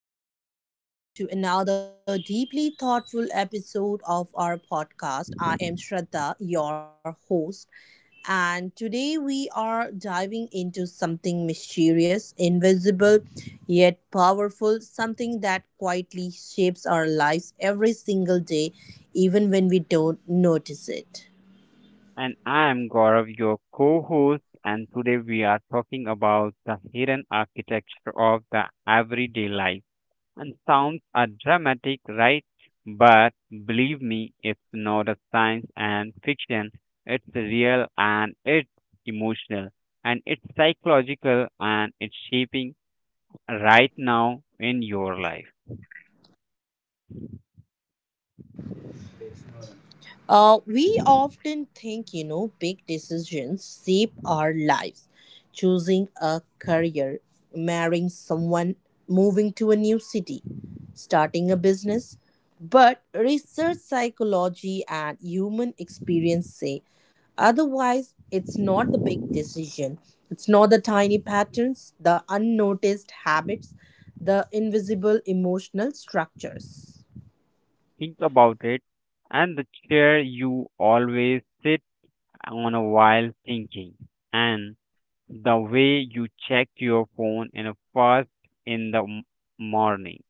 Welcome back, everyone, to another deeply thoughtful episode of our podcast. I am Shraddha, your host, and today we are diving into something mysterious, invisible, yet powerful, something that quietly shapes our lives every single day, even when we don't notice it. And I'm Gaurav, your co host, and today we are talking about the hidden architecture of the everyday life. And sounds are dramatic, right? But believe me, it's not a science and fiction. It's real and it's emotional and it's psychological and it's shaping right now in your life. We often think, big decisions shape our lives. Choosing a career, marrying someone, moving to a new city, starting a business. But research psychology and human experience say otherwise, it's not the big decision. It's not the tiny patterns, the unnoticed habits, the invisible emotional structures. Think about it. And the chair you always sit on a while thinking. And the way you check your phone in a first in morning,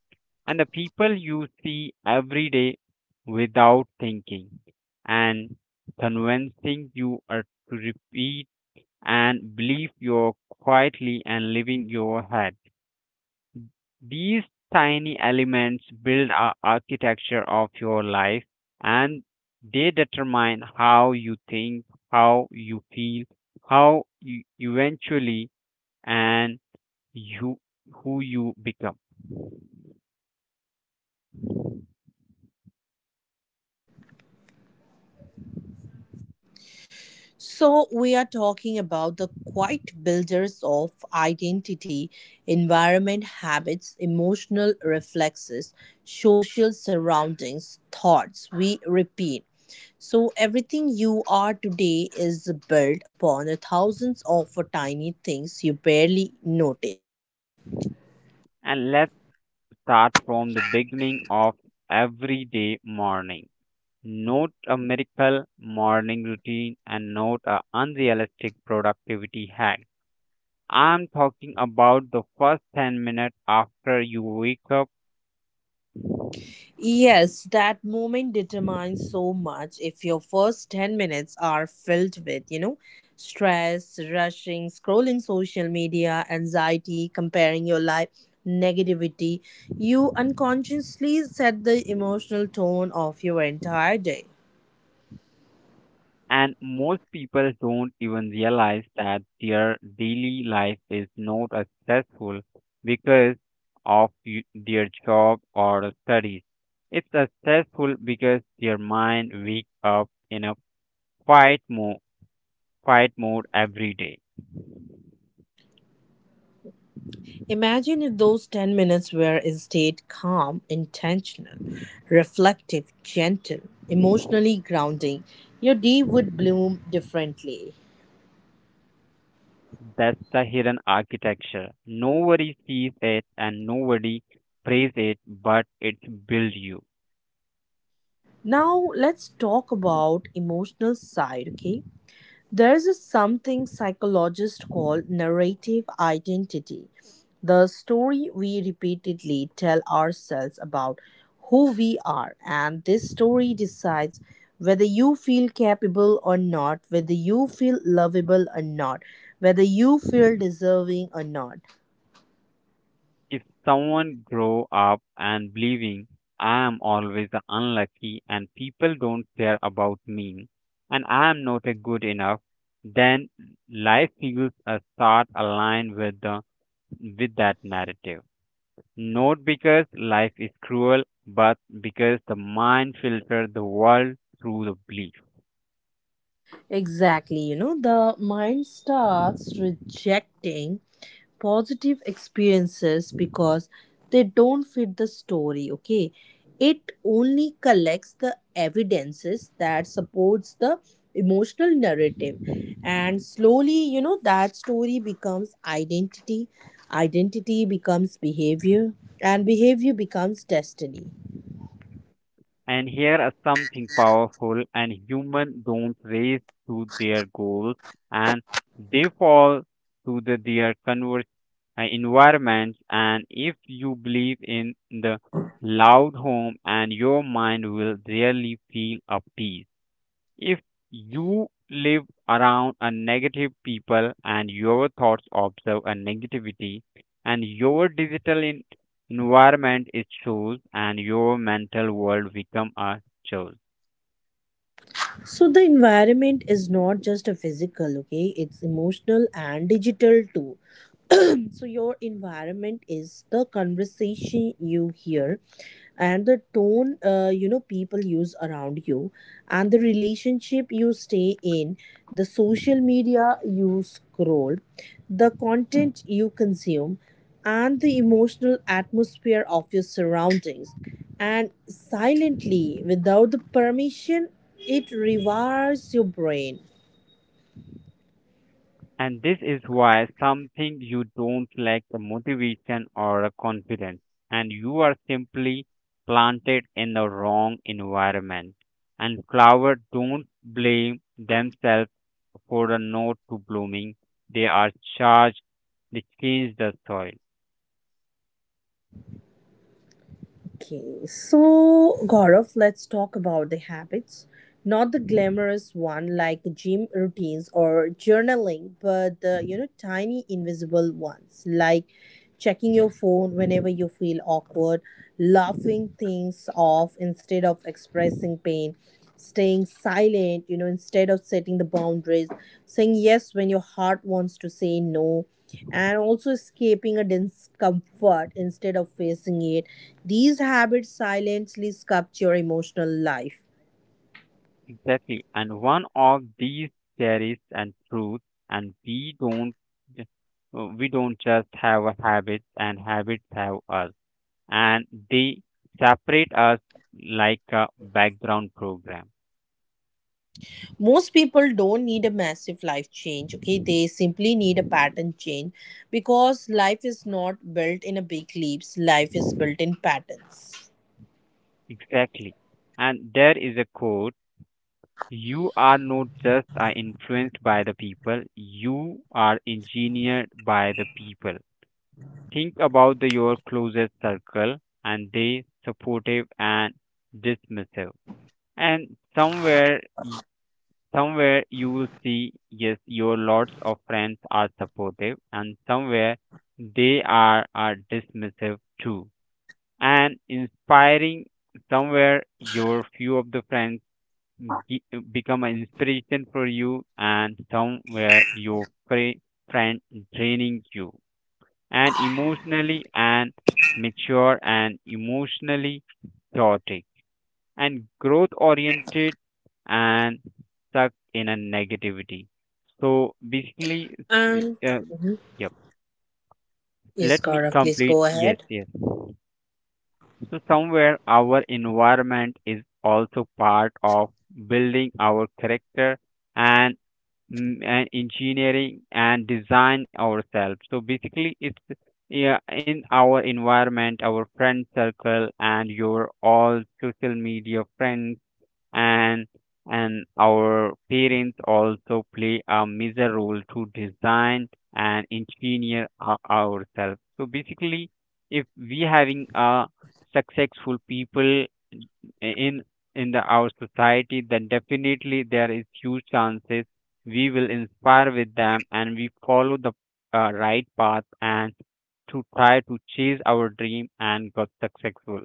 and the people you see every day without thinking, and convincing you are to repeat and believe you're quietly and living your head. These tiny elements build a architecture of your life, and they determine how you think, how you feel, how you eventually and you who you become. So, we are talking about the quiet builders of identity, environment habits, emotional reflexes, social surroundings, thoughts we repeat. So, everything you are today is built upon the thousands of tiny things you barely notice. And let's start from the beginning of everyday morning. Not a miracle morning routine, and not a unrealistic productivity hack. I'm talking about the first 10 minutes after you wake up. Yes, that moment determines so much. If your first 10 minutes are filled with, stress, rushing, scrolling social media, anxiety, comparing your life, negativity, you unconsciously set the emotional tone of your entire day. And most people don't even realize that their daily life is not as stressful because of their job or studies. It's as stressful because their mind wake up in a fight mode, fight mode every day. Imagine if those 10 minutes were instead calm, intentional, reflective, gentle, emotionally grounding. Your day would bloom differently. That's the hidden architecture. Nobody sees it and nobody prays it, but it builds you. Now let's talk about emotional side, okay? There's a something psychologists call narrative identity. The story we repeatedly tell ourselves about who we are, and this story decides whether you feel capable or not, whether you feel lovable or not, whether you feel deserving or not. If someone grow up and believing I am always unlucky and people don't care about me and I am not a good enough, then life feels a start aligned with the with that narrative. Not because life is cruel, but because the mind filters the world through the belief. Exactly, the mind starts rejecting positive experiences because they don't fit the story, okay? It only collects the evidences that supports the emotional narrative, and slowly, that story becomes identity, identity becomes behavior, and behavior becomes destiny. And here are something powerful and human don't race to their goals, and they fall to their converse environments. And if you believe in the loud home, and your mind will really feel a peace. If you live around a negative people and your thoughts observe a negativity, and your digital environment is choose and your mental world become a choice. So the environment is not just a physical, okay, it's emotional and digital too. So your environment is the conversation you hear, and the tone, people use around you, and the relationship you stay in, the social media you scroll, the content you consume, and the emotional atmosphere of your surroundings, and silently, without the permission, it rewires your brain. And this is why something you don't lack a motivation or a confidence, and you are simply planted in the wrong environment. And flowers don't blame themselves for a not to blooming. They are charged, they change the soil. Okay, so Gaurav, let's talk about the habits. Not the glamorous one like gym routines or journaling, but the, tiny invisible ones like checking your phone whenever you feel awkward, laughing things off instead of expressing pain, staying silent, instead of setting the boundaries, saying yes when your heart wants to say no, and also escaping a discomfort instead of facing it. These habits silently sculpture emotional life. Exactly. And one of these cherries and truth, and we don't just have a habit and habits have us, and they separate us like a background program. Most people don't need a massive life change, okay? They simply need a pattern change because life is not built in a big leaps, life is built in patterns. Exactly. And there is a quote: you are not just influenced by the people, you are engineered by the people. Think about your closest circle, and they supportive and dismissive. And somewhere you will see, yes, your lots of friends are supportive, and somewhere they are dismissive too, and inspiring. Somewhere your few of the friends ge- become an inspiration for you, and somewhere your friend draining you, and emotionally and mature, and emotionally chaotic, and growth oriented, and stuck in a negativity. So basically, And uh, Mhm. yep. Yes, Let me Gaurav, please complete. go Yes, ahead. yes. So somewhere our environment is also part of building our character, and, and engineering and design ourselves. So basically, it's yeah, in our environment, our friend circle, and your all social media friends, and and our parents also play a major role to design and engineer ourselves. So basically, if we having a successful people in in the our society, then definitely there is huge chances we will inspire with them, and we follow the right path and to try to chase our dream and got successful,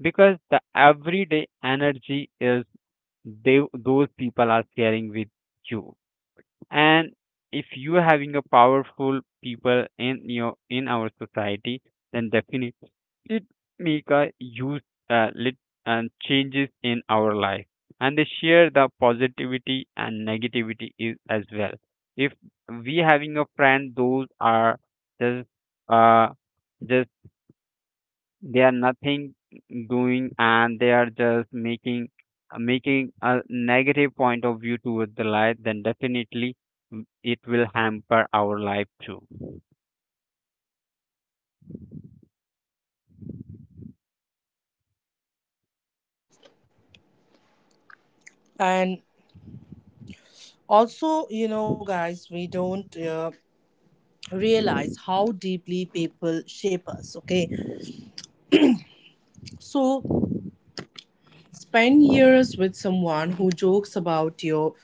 because the everyday energy is they those people are sharing with you. And if you are having a powerful people in your in our society, then definitely it make a huge lit and changes in our life, and they share the positivity and negativity is, as well. If we having a friend those are just uh just they are nothing doing, and they are just making a negative point of view towards the life, then definitely, it will hamper our life too. And also, guys, we don't realize how deeply people shape us, okay? So, spend years with someone who jokes about your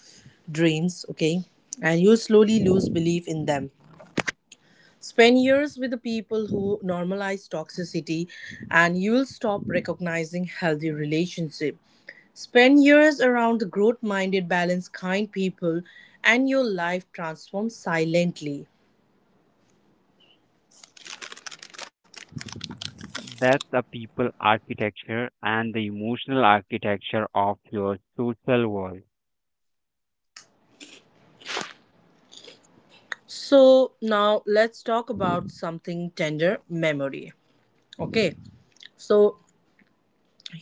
dreams, okay, and you slowly lose belief in them. Spend years with the people who normalize toxicity and you'll stop recognizing healthy relationship. Spend years around the growth-minded, balanced, kind people and your life transforms silently. That's the people architecture and the emotional architecture of your social world. So now let's talk about something tender memory. Okay. So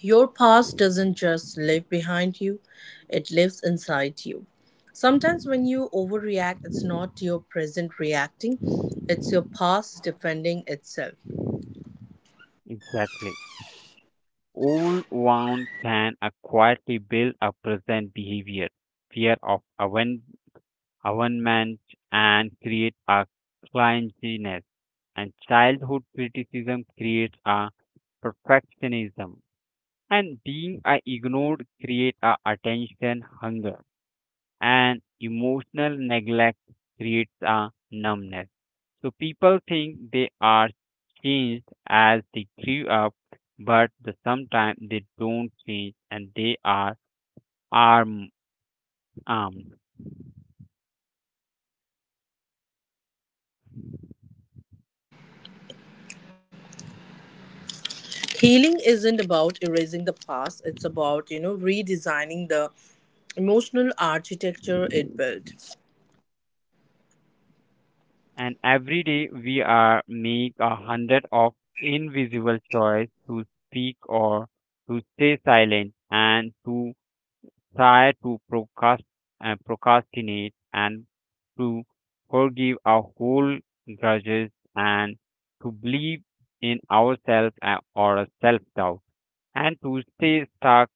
your past doesn't just live behind you, it lives inside you. Sometimes when you overreact, it's not your present reacting, it's your past defending itself. Exactly. All one can quietly build a present behavior, fear of abandonment, and create a clinginess, and childhood criticism creates a perfectionism, and being a ignored creates a attention hunger, and emotional neglect creates a numbness. So people think they are changed as they grew up, but the sometimes they don't change and they are arm armed. Healing isn't about erasing the past, it's about, redesigning the emotional architecture it built. And every day we are make a hundred of invisible choice to speak or to stay silent, and to try to procrastinate, and to forgive our whole grudges, and to believe in ourselves or self doubt, and to stay stuck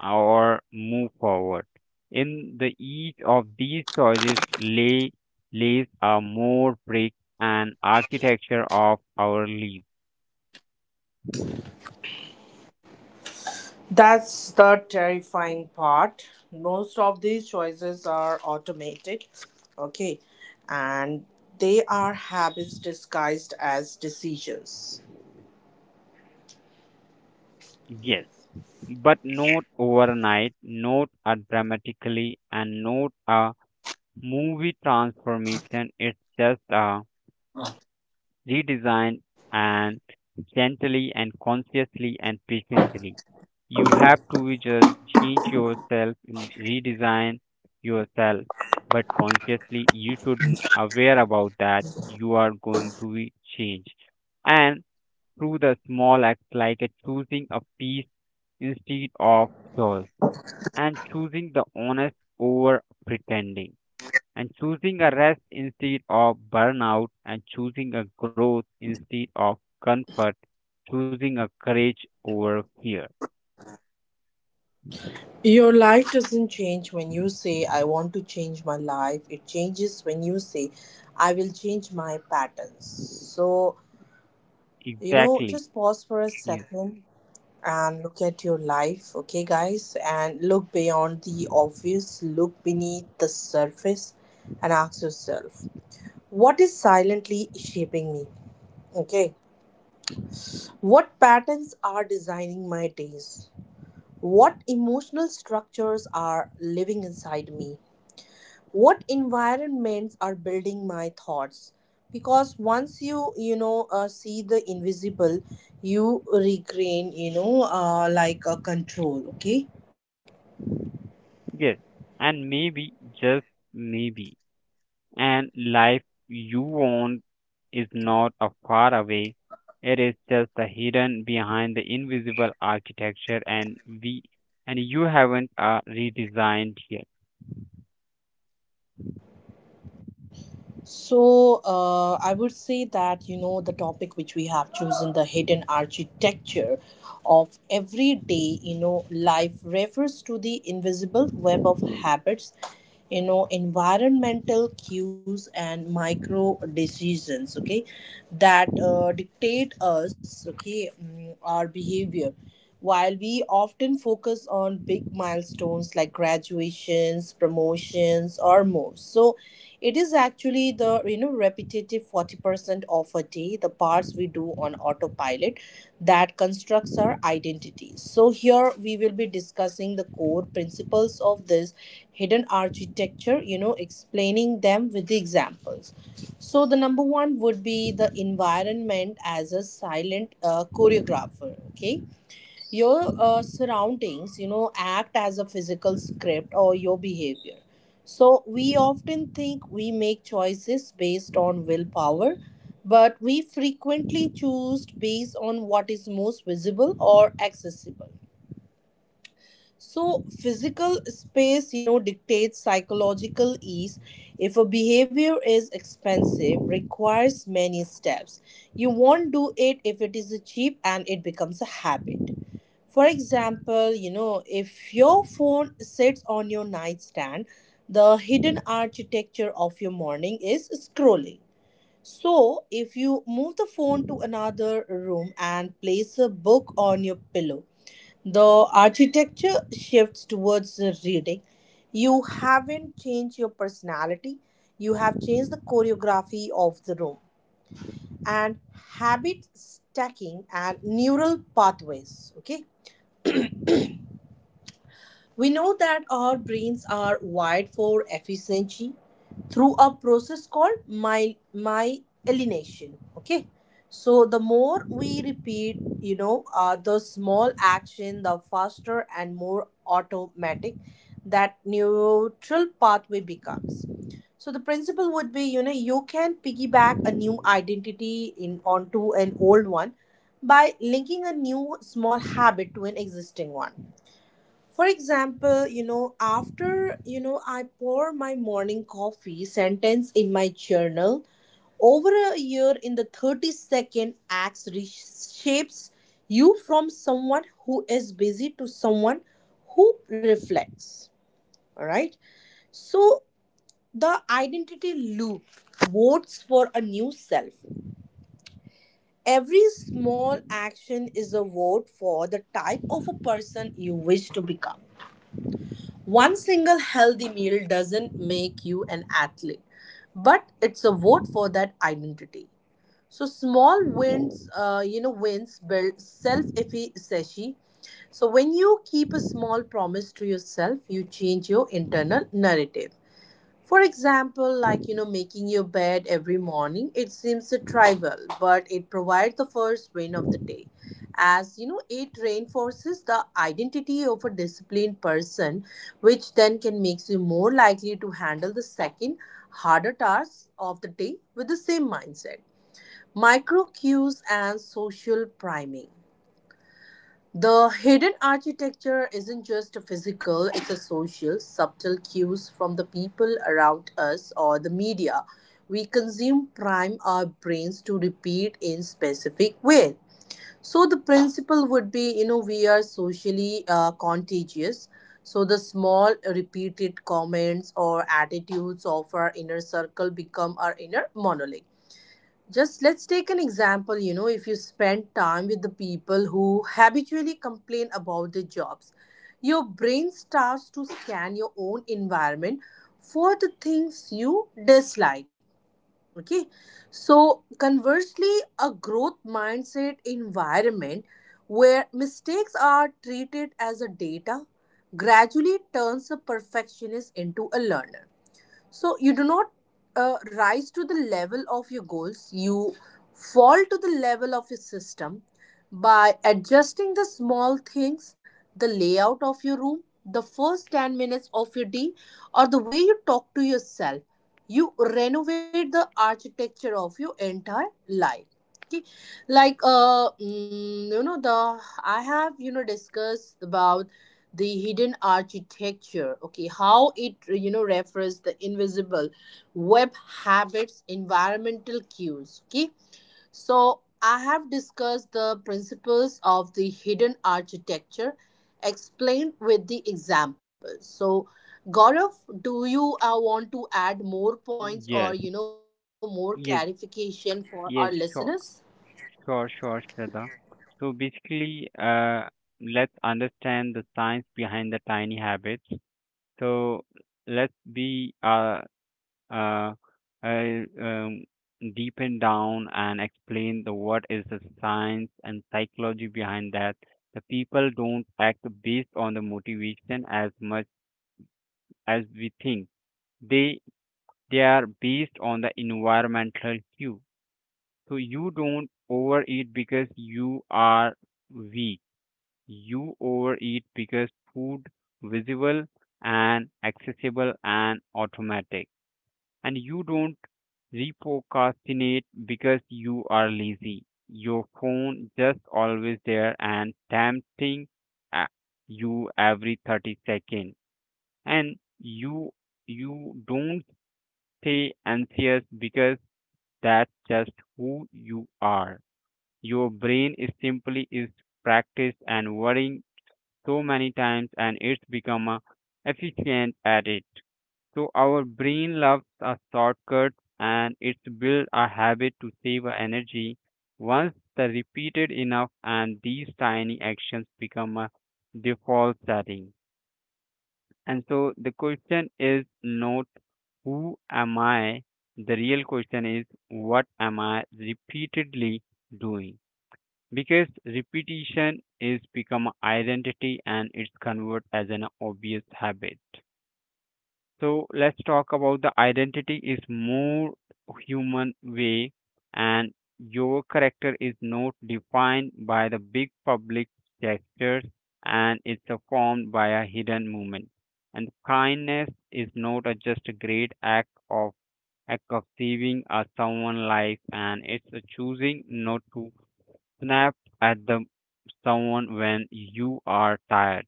or move forward. In the each of these choices lays a more brick and architecture of our life. That's the terrifying part. Most of these choices are automated, okay, and they are habits disguised as decisions. Yes, but not overnight, not a dramatically, and not a movie transformation. It's just a redesign, and gently and consciously and patiently. You have to just change yourself and redesign yourself, but consciously you aware about that you are going to be changed. And through the small acts like a choosing a peace instead of choice, and choosing the honest over pretending, and choosing a rest instead of burnout, and choosing a growth instead of comfort, choosing a courage over fear. Your life doesn't change when you say, I want to change my life. It changes when you say, I will change my patterns. So, Exactly. just pause for a Yes, second and look at your life, okay, guys, and look beyond the obvious, look beneath the surface, and ask yourself, what is silently shaping me, okay? What patterns are designing my days? What emotional structures are living inside me? What environments are building my thoughts? Because once you, see the invisible, you regain, like a control, okay? yes. And maybe, just maybe, and life you want is not a far away, it is just the hidden behind the invisible architecture and we and you haven't redesigned yet. So, I would say that, the topic which we have chosen, the hidden architecture of everyday, life refers to the invisible web of habits, environmental cues and micro decisions, okay, that dictate us, okay, our behavior. While we often focus on big milestones like graduations, promotions, or moves, so it is actually the, repetitive 40% of a day, the parts we do on autopilot that constructs our identity. So here we will be discussing the core principles of this hidden architecture, explaining them with the examples. So the number one would be the environment as a silent choreographer. Okay, your surroundings, act as a physical script or your behavior. So we often think we make choices based on willpower, but we frequently choose based on what is most visible or accessible. So, physical space, dictates psychological ease. If a behavior is expensive, requires many steps, you won't do it. If it is cheap, and it becomes a habit. For example, if your phone sits on your nightstand, the hidden architecture of your morning is scrolling. So, if you move the phone to another room and place a book on your pillow, the architecture shifts towards the reading. You haven't changed your personality, you have changed the choreography of the room, and habit stacking and neural pathways. Okay, we know that our brains are wired for efficiency through a process called my myelination. Okay, so the more we repeat, the small action, the faster and more automatic that neural pathway becomes. So the principle would be, you can piggyback a new identity in onto an old one by linking a new small habit to an existing one. For example, after, I pour my morning coffee sentence in my journal, over a year in the 30-second acts reshapes you from someone who is busy to someone who reflects. All right. So the identity loop votes for a new self. Every small action is a vote for the type of a person you wish to become. One single healthy meal doesn't make you an athlete, but it's a vote for that identity. So small wins, wins build self-efficacy. So when you keep a small promise to yourself, you change your internal narrative. For example, making your bed every morning, it seems a trivial, but it provides the first win of the day. As you know, it reinforces the identity of a disciplined person, which then can makes you more likely to handle the second harder tasks of the day with the same mindset. Micro cues and social priming. The hidden architecture isn't just a physical, it's a social, subtle cues from the people around us or the media. We consume prime our brains to repeat in specific way. So the principle would be, we are socially contagious. So the small repeated comments or attitudes of our inner circle become our inner monologue. Just let's take an example. You know, if you spend time with the people who habitually complain about their jobs, your brain starts to scan your own environment for the things you dislike. Okay, so conversely, a growth mindset environment where mistakes are treated as a data gradually turns a perfectionist into a learner. So you do not rise to the level of your goals, you fall to the level of your system by adjusting the small things, the layout of your room, the first 10 minutes of your day, or the way you talk to yourself. You renovate the architecture of your entire life. Okay, the I have, discussed about the hidden architecture, okay, how it, refers the invisible web, habits, environmental cues, okay, so I have discussed the principles of the hidden architecture explained with the examples. So Gaurav, do you want to add more points or, yes more yes clarification for our listeners? yes sure. Sure, sure, Shraddha. Sure, So please go ahead. basically, let's understand the science behind the tiny habits. So let's be uh, uh, um, deepen down and explain the what is the science and psychology behind that. The people don't act based on the motivation as much as we think. They they are based on the environmental cue. So you don't overeat because you are weak. You overeat because food visible and accessible and automatic. And you don't reprocrastinate because you are lazy. Your phone just always there and tempting uh, you every 30 seconds. And you don't stay anxious because that's just who you are. Your brain is simply is practiced and worrying so many times, and it's become efficient at it. So our brain loves a shortcut, and it's built a habit to save our energy. Once the repeated enough, and these tiny actions become a default setting. And so the question is not who am I? The real question is what am I repeatedly doing? Because repetition is become identity and it's convert as an obvious habit. So let's talk about the identity is more human way. And your character is not defined by the big public gestures, and it's formed by a hidden movement. And kindness is not a just a great act of saving someone's life, and it's a choosing not to snap at the someone when you are tired.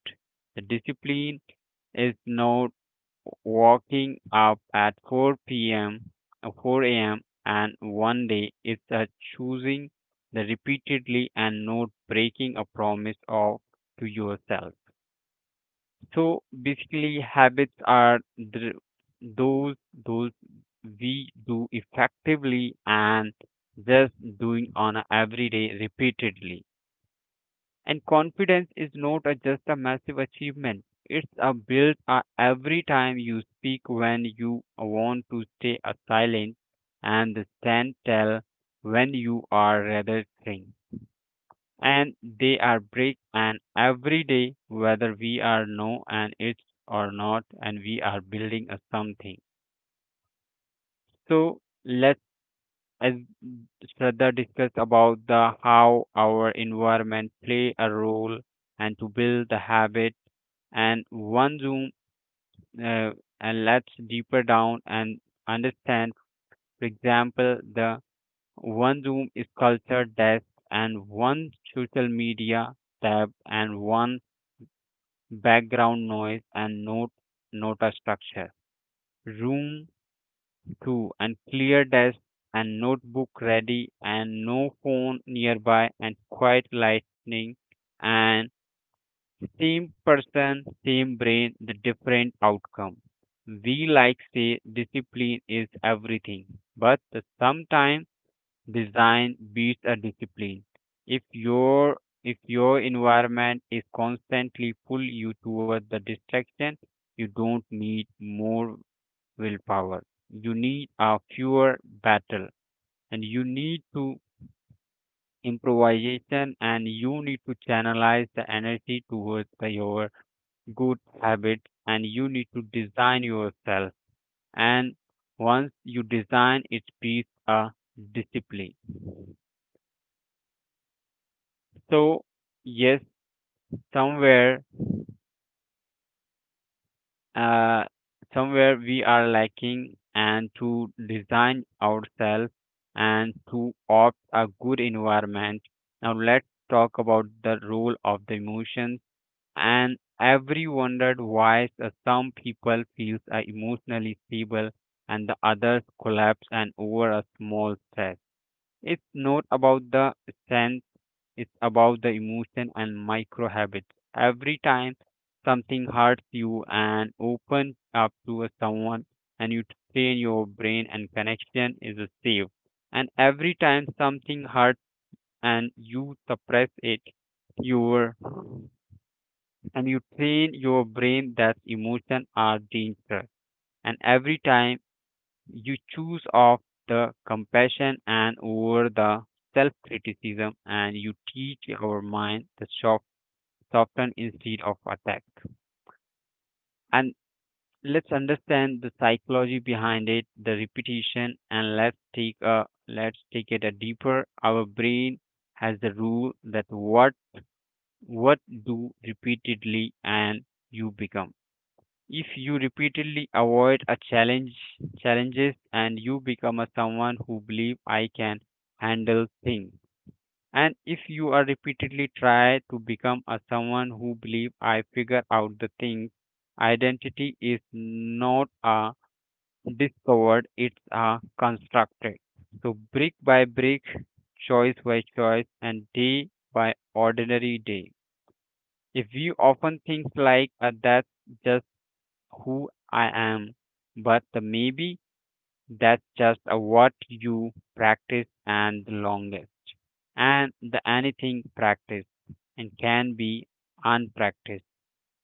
The discipline is not waking up at 4 p.m. or 4 a.m. and one day. It's a choosing the repeatedly and not breaking a promise of to yourself. So basically, habits are the, those those we do effectively and just doing on a everyday repeatedly. And confidence is not a, just a massive achievement. It's a built every time you speak when you want to stay a silent and stand tall when you are rather thing. And they are break, and every day whether we are no and it's or not, and we are building a something. So let's as further discuss about the how our environment play a role and to build the habit and one zoom uh, and let's deeper down and understand. For example, the one zoom is culture desk, and one social media tab, and one background noise, and note nota structure room 2, and clear desk, and notebook ready, and no phone nearby, and quiet lightning, and same person, same brain, the different outcome. We like say discipline is everything, but sometimes design beats a discipline. If your environment is constantly pull you toward the distraction, you don't need more willpower. You need a fewer battle, and you need to improvisation, and you need to channelize the energy towards the your good habit, and you need to design yourself. And once you design it be a discipline. So yes, somewhere, uh somewhere we are lacking and to design ourselves and to opt a good environment. Now let's talk about the role of the emotions. And every wondered why some people feel are emotionally stable and the others collapse and over a small stress. It's not about the sense, it's about the emotion and micro habits. Every time something hurts you and opens up to a someone, and you train your brain and connection is a safe. And every time something hurts and you suppress it, your and you train your brain that emotions are dangerous. And every time you choose off the compassion and over the self criticism, and you teach our mind the soften instead of attack. And let's understand the psychology behind it, the repetition, and let's take it a deeper. Our brain has the rule that what do repeatedly and you become. If you repeatedly avoid a challenges and you become a someone who believe I can handle things, and if you are repeatedly try to become a someone who believe I figure out the things. Identity is not a discovered, it's a constructed. So brick by brick, choice by choice, and day by ordinary day. If you often think like that just who I am, but the maybe that's just a what you practice and the longest. And the anything practice and can be unpracticed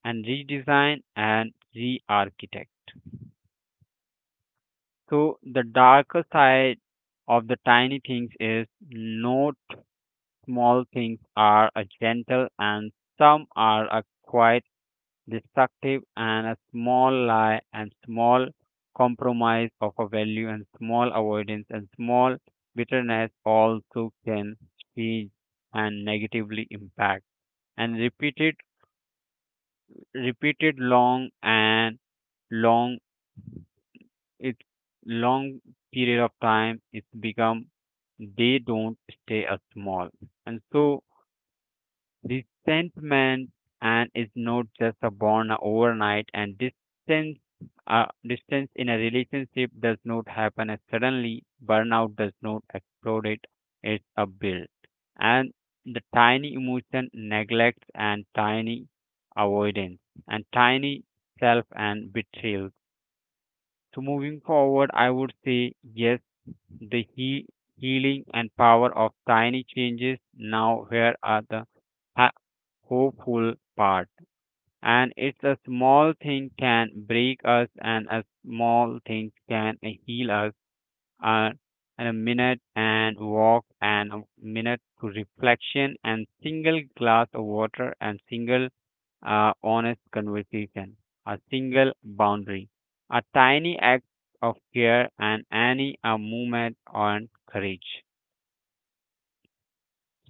and redesign and re-architect. So the darker side of the tiny things is not small things are a gentle, and some are a quiet destructive, and a small lie and small compromise of a value and small avoidance and small bitterness also can speed and negatively impact and repeated long it long period of time it's become they don't stay a small. And so resentment and is not just a born overnight. And distance in a relationship does not happen as suddenly, burnout does not explode. It's a build, and the tiny emotion neglect and tiny avoidance and tiny self and betrayal. So moving forward I would say yes, the healing and power of tiny changes. Now, here are the ha- hopeful part. And it's a small thing can break us, and a small thing can heal us. And and a minute and walk, and a minute to reflection, and single glass of water, and single honest conversation, a single boundary, a tiny act of care, and any a movement on courage.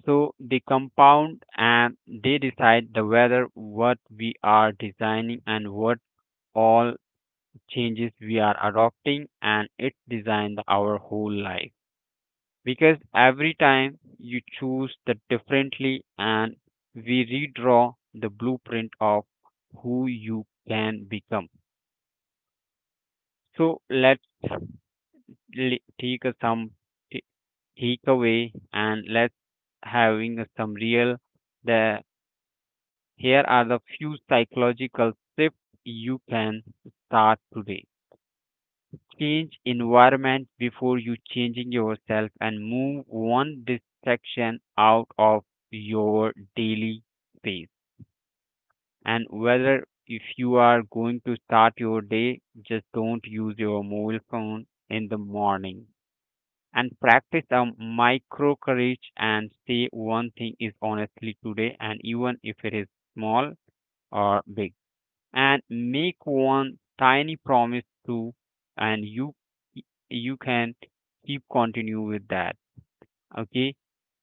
So they compound and they decide the whether what we are designing and what all changes we are adopting and it designs our whole life. Because every time you choose the differently and we redraw the blueprint of who you can become. So let's take a some t- take away, and let's having a some real. The Here are the few psychological shifts you can start today. Change environment before you changing yourself and move one distraction out of your daily space. And whether if you are going to start your day, just don't use your mobile phone in the morning, and practice a micro courage and say one thing is honestly today, and even if it is small or big, and make one tiny promise to, and you can keep continue with that, okay.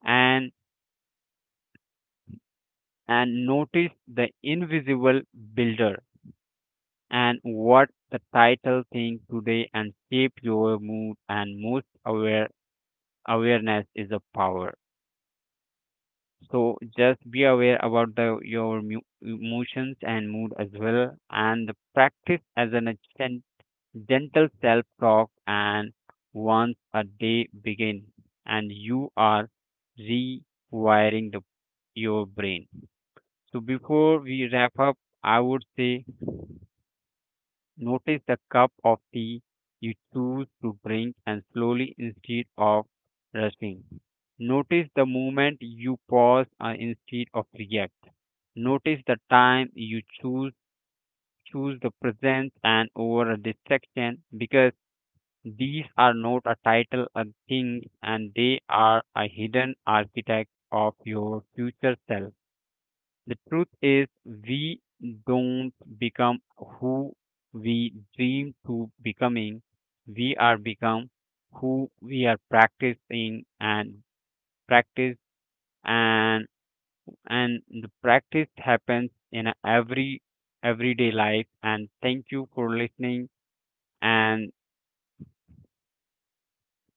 And and notice the invisible builder and what the title thing today and shape your mood, and most awareness is a power. So just be aware about the your emotions and mood as well, and practice as an a gentle self talk. And once a day begin, and you are rewiring the your brain. So before we wrap up, I would say, notice the cup of tea you choose to drink and slowly instead of rushing. Notice the moment you pause instead of react. Notice the time you choose the presence and over a distraction, because these are not a title of things and they are a hidden architect of your future self. The truth is, we don't become who we dream to becoming. We are become who we are practicing and practice, and and the practice happens in a everyday life. And thank you for listening, and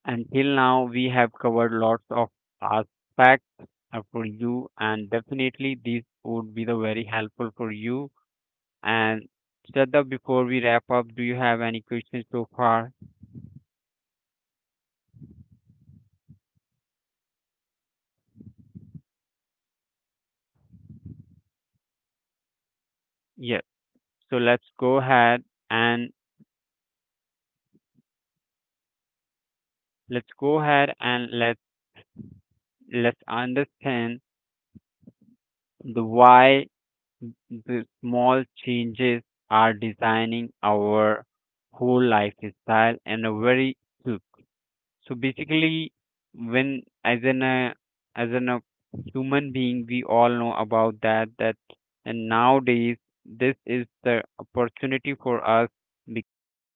until now we have covered lots of aspects for you, and definitely these would be the very helpful for you. And Shraddha, before we wrap up, do you have any questions so far? No, Gaurav, there's no question, but. Would just like to say thank you so much to our audience for listening. Yes. This was a deep So one, reflective, introspective, and and emotional. let's go ahead and let let's understand the why the small changes are designing our whole lifestyle in a very. I So think, Gaurav, we basically, have when already as an discussed uh, each and as everything, an uh, and it seems like we have human being, we almost all covered know in half about hour. that. So, And would like to nowadays see that this is the opportunity for us because we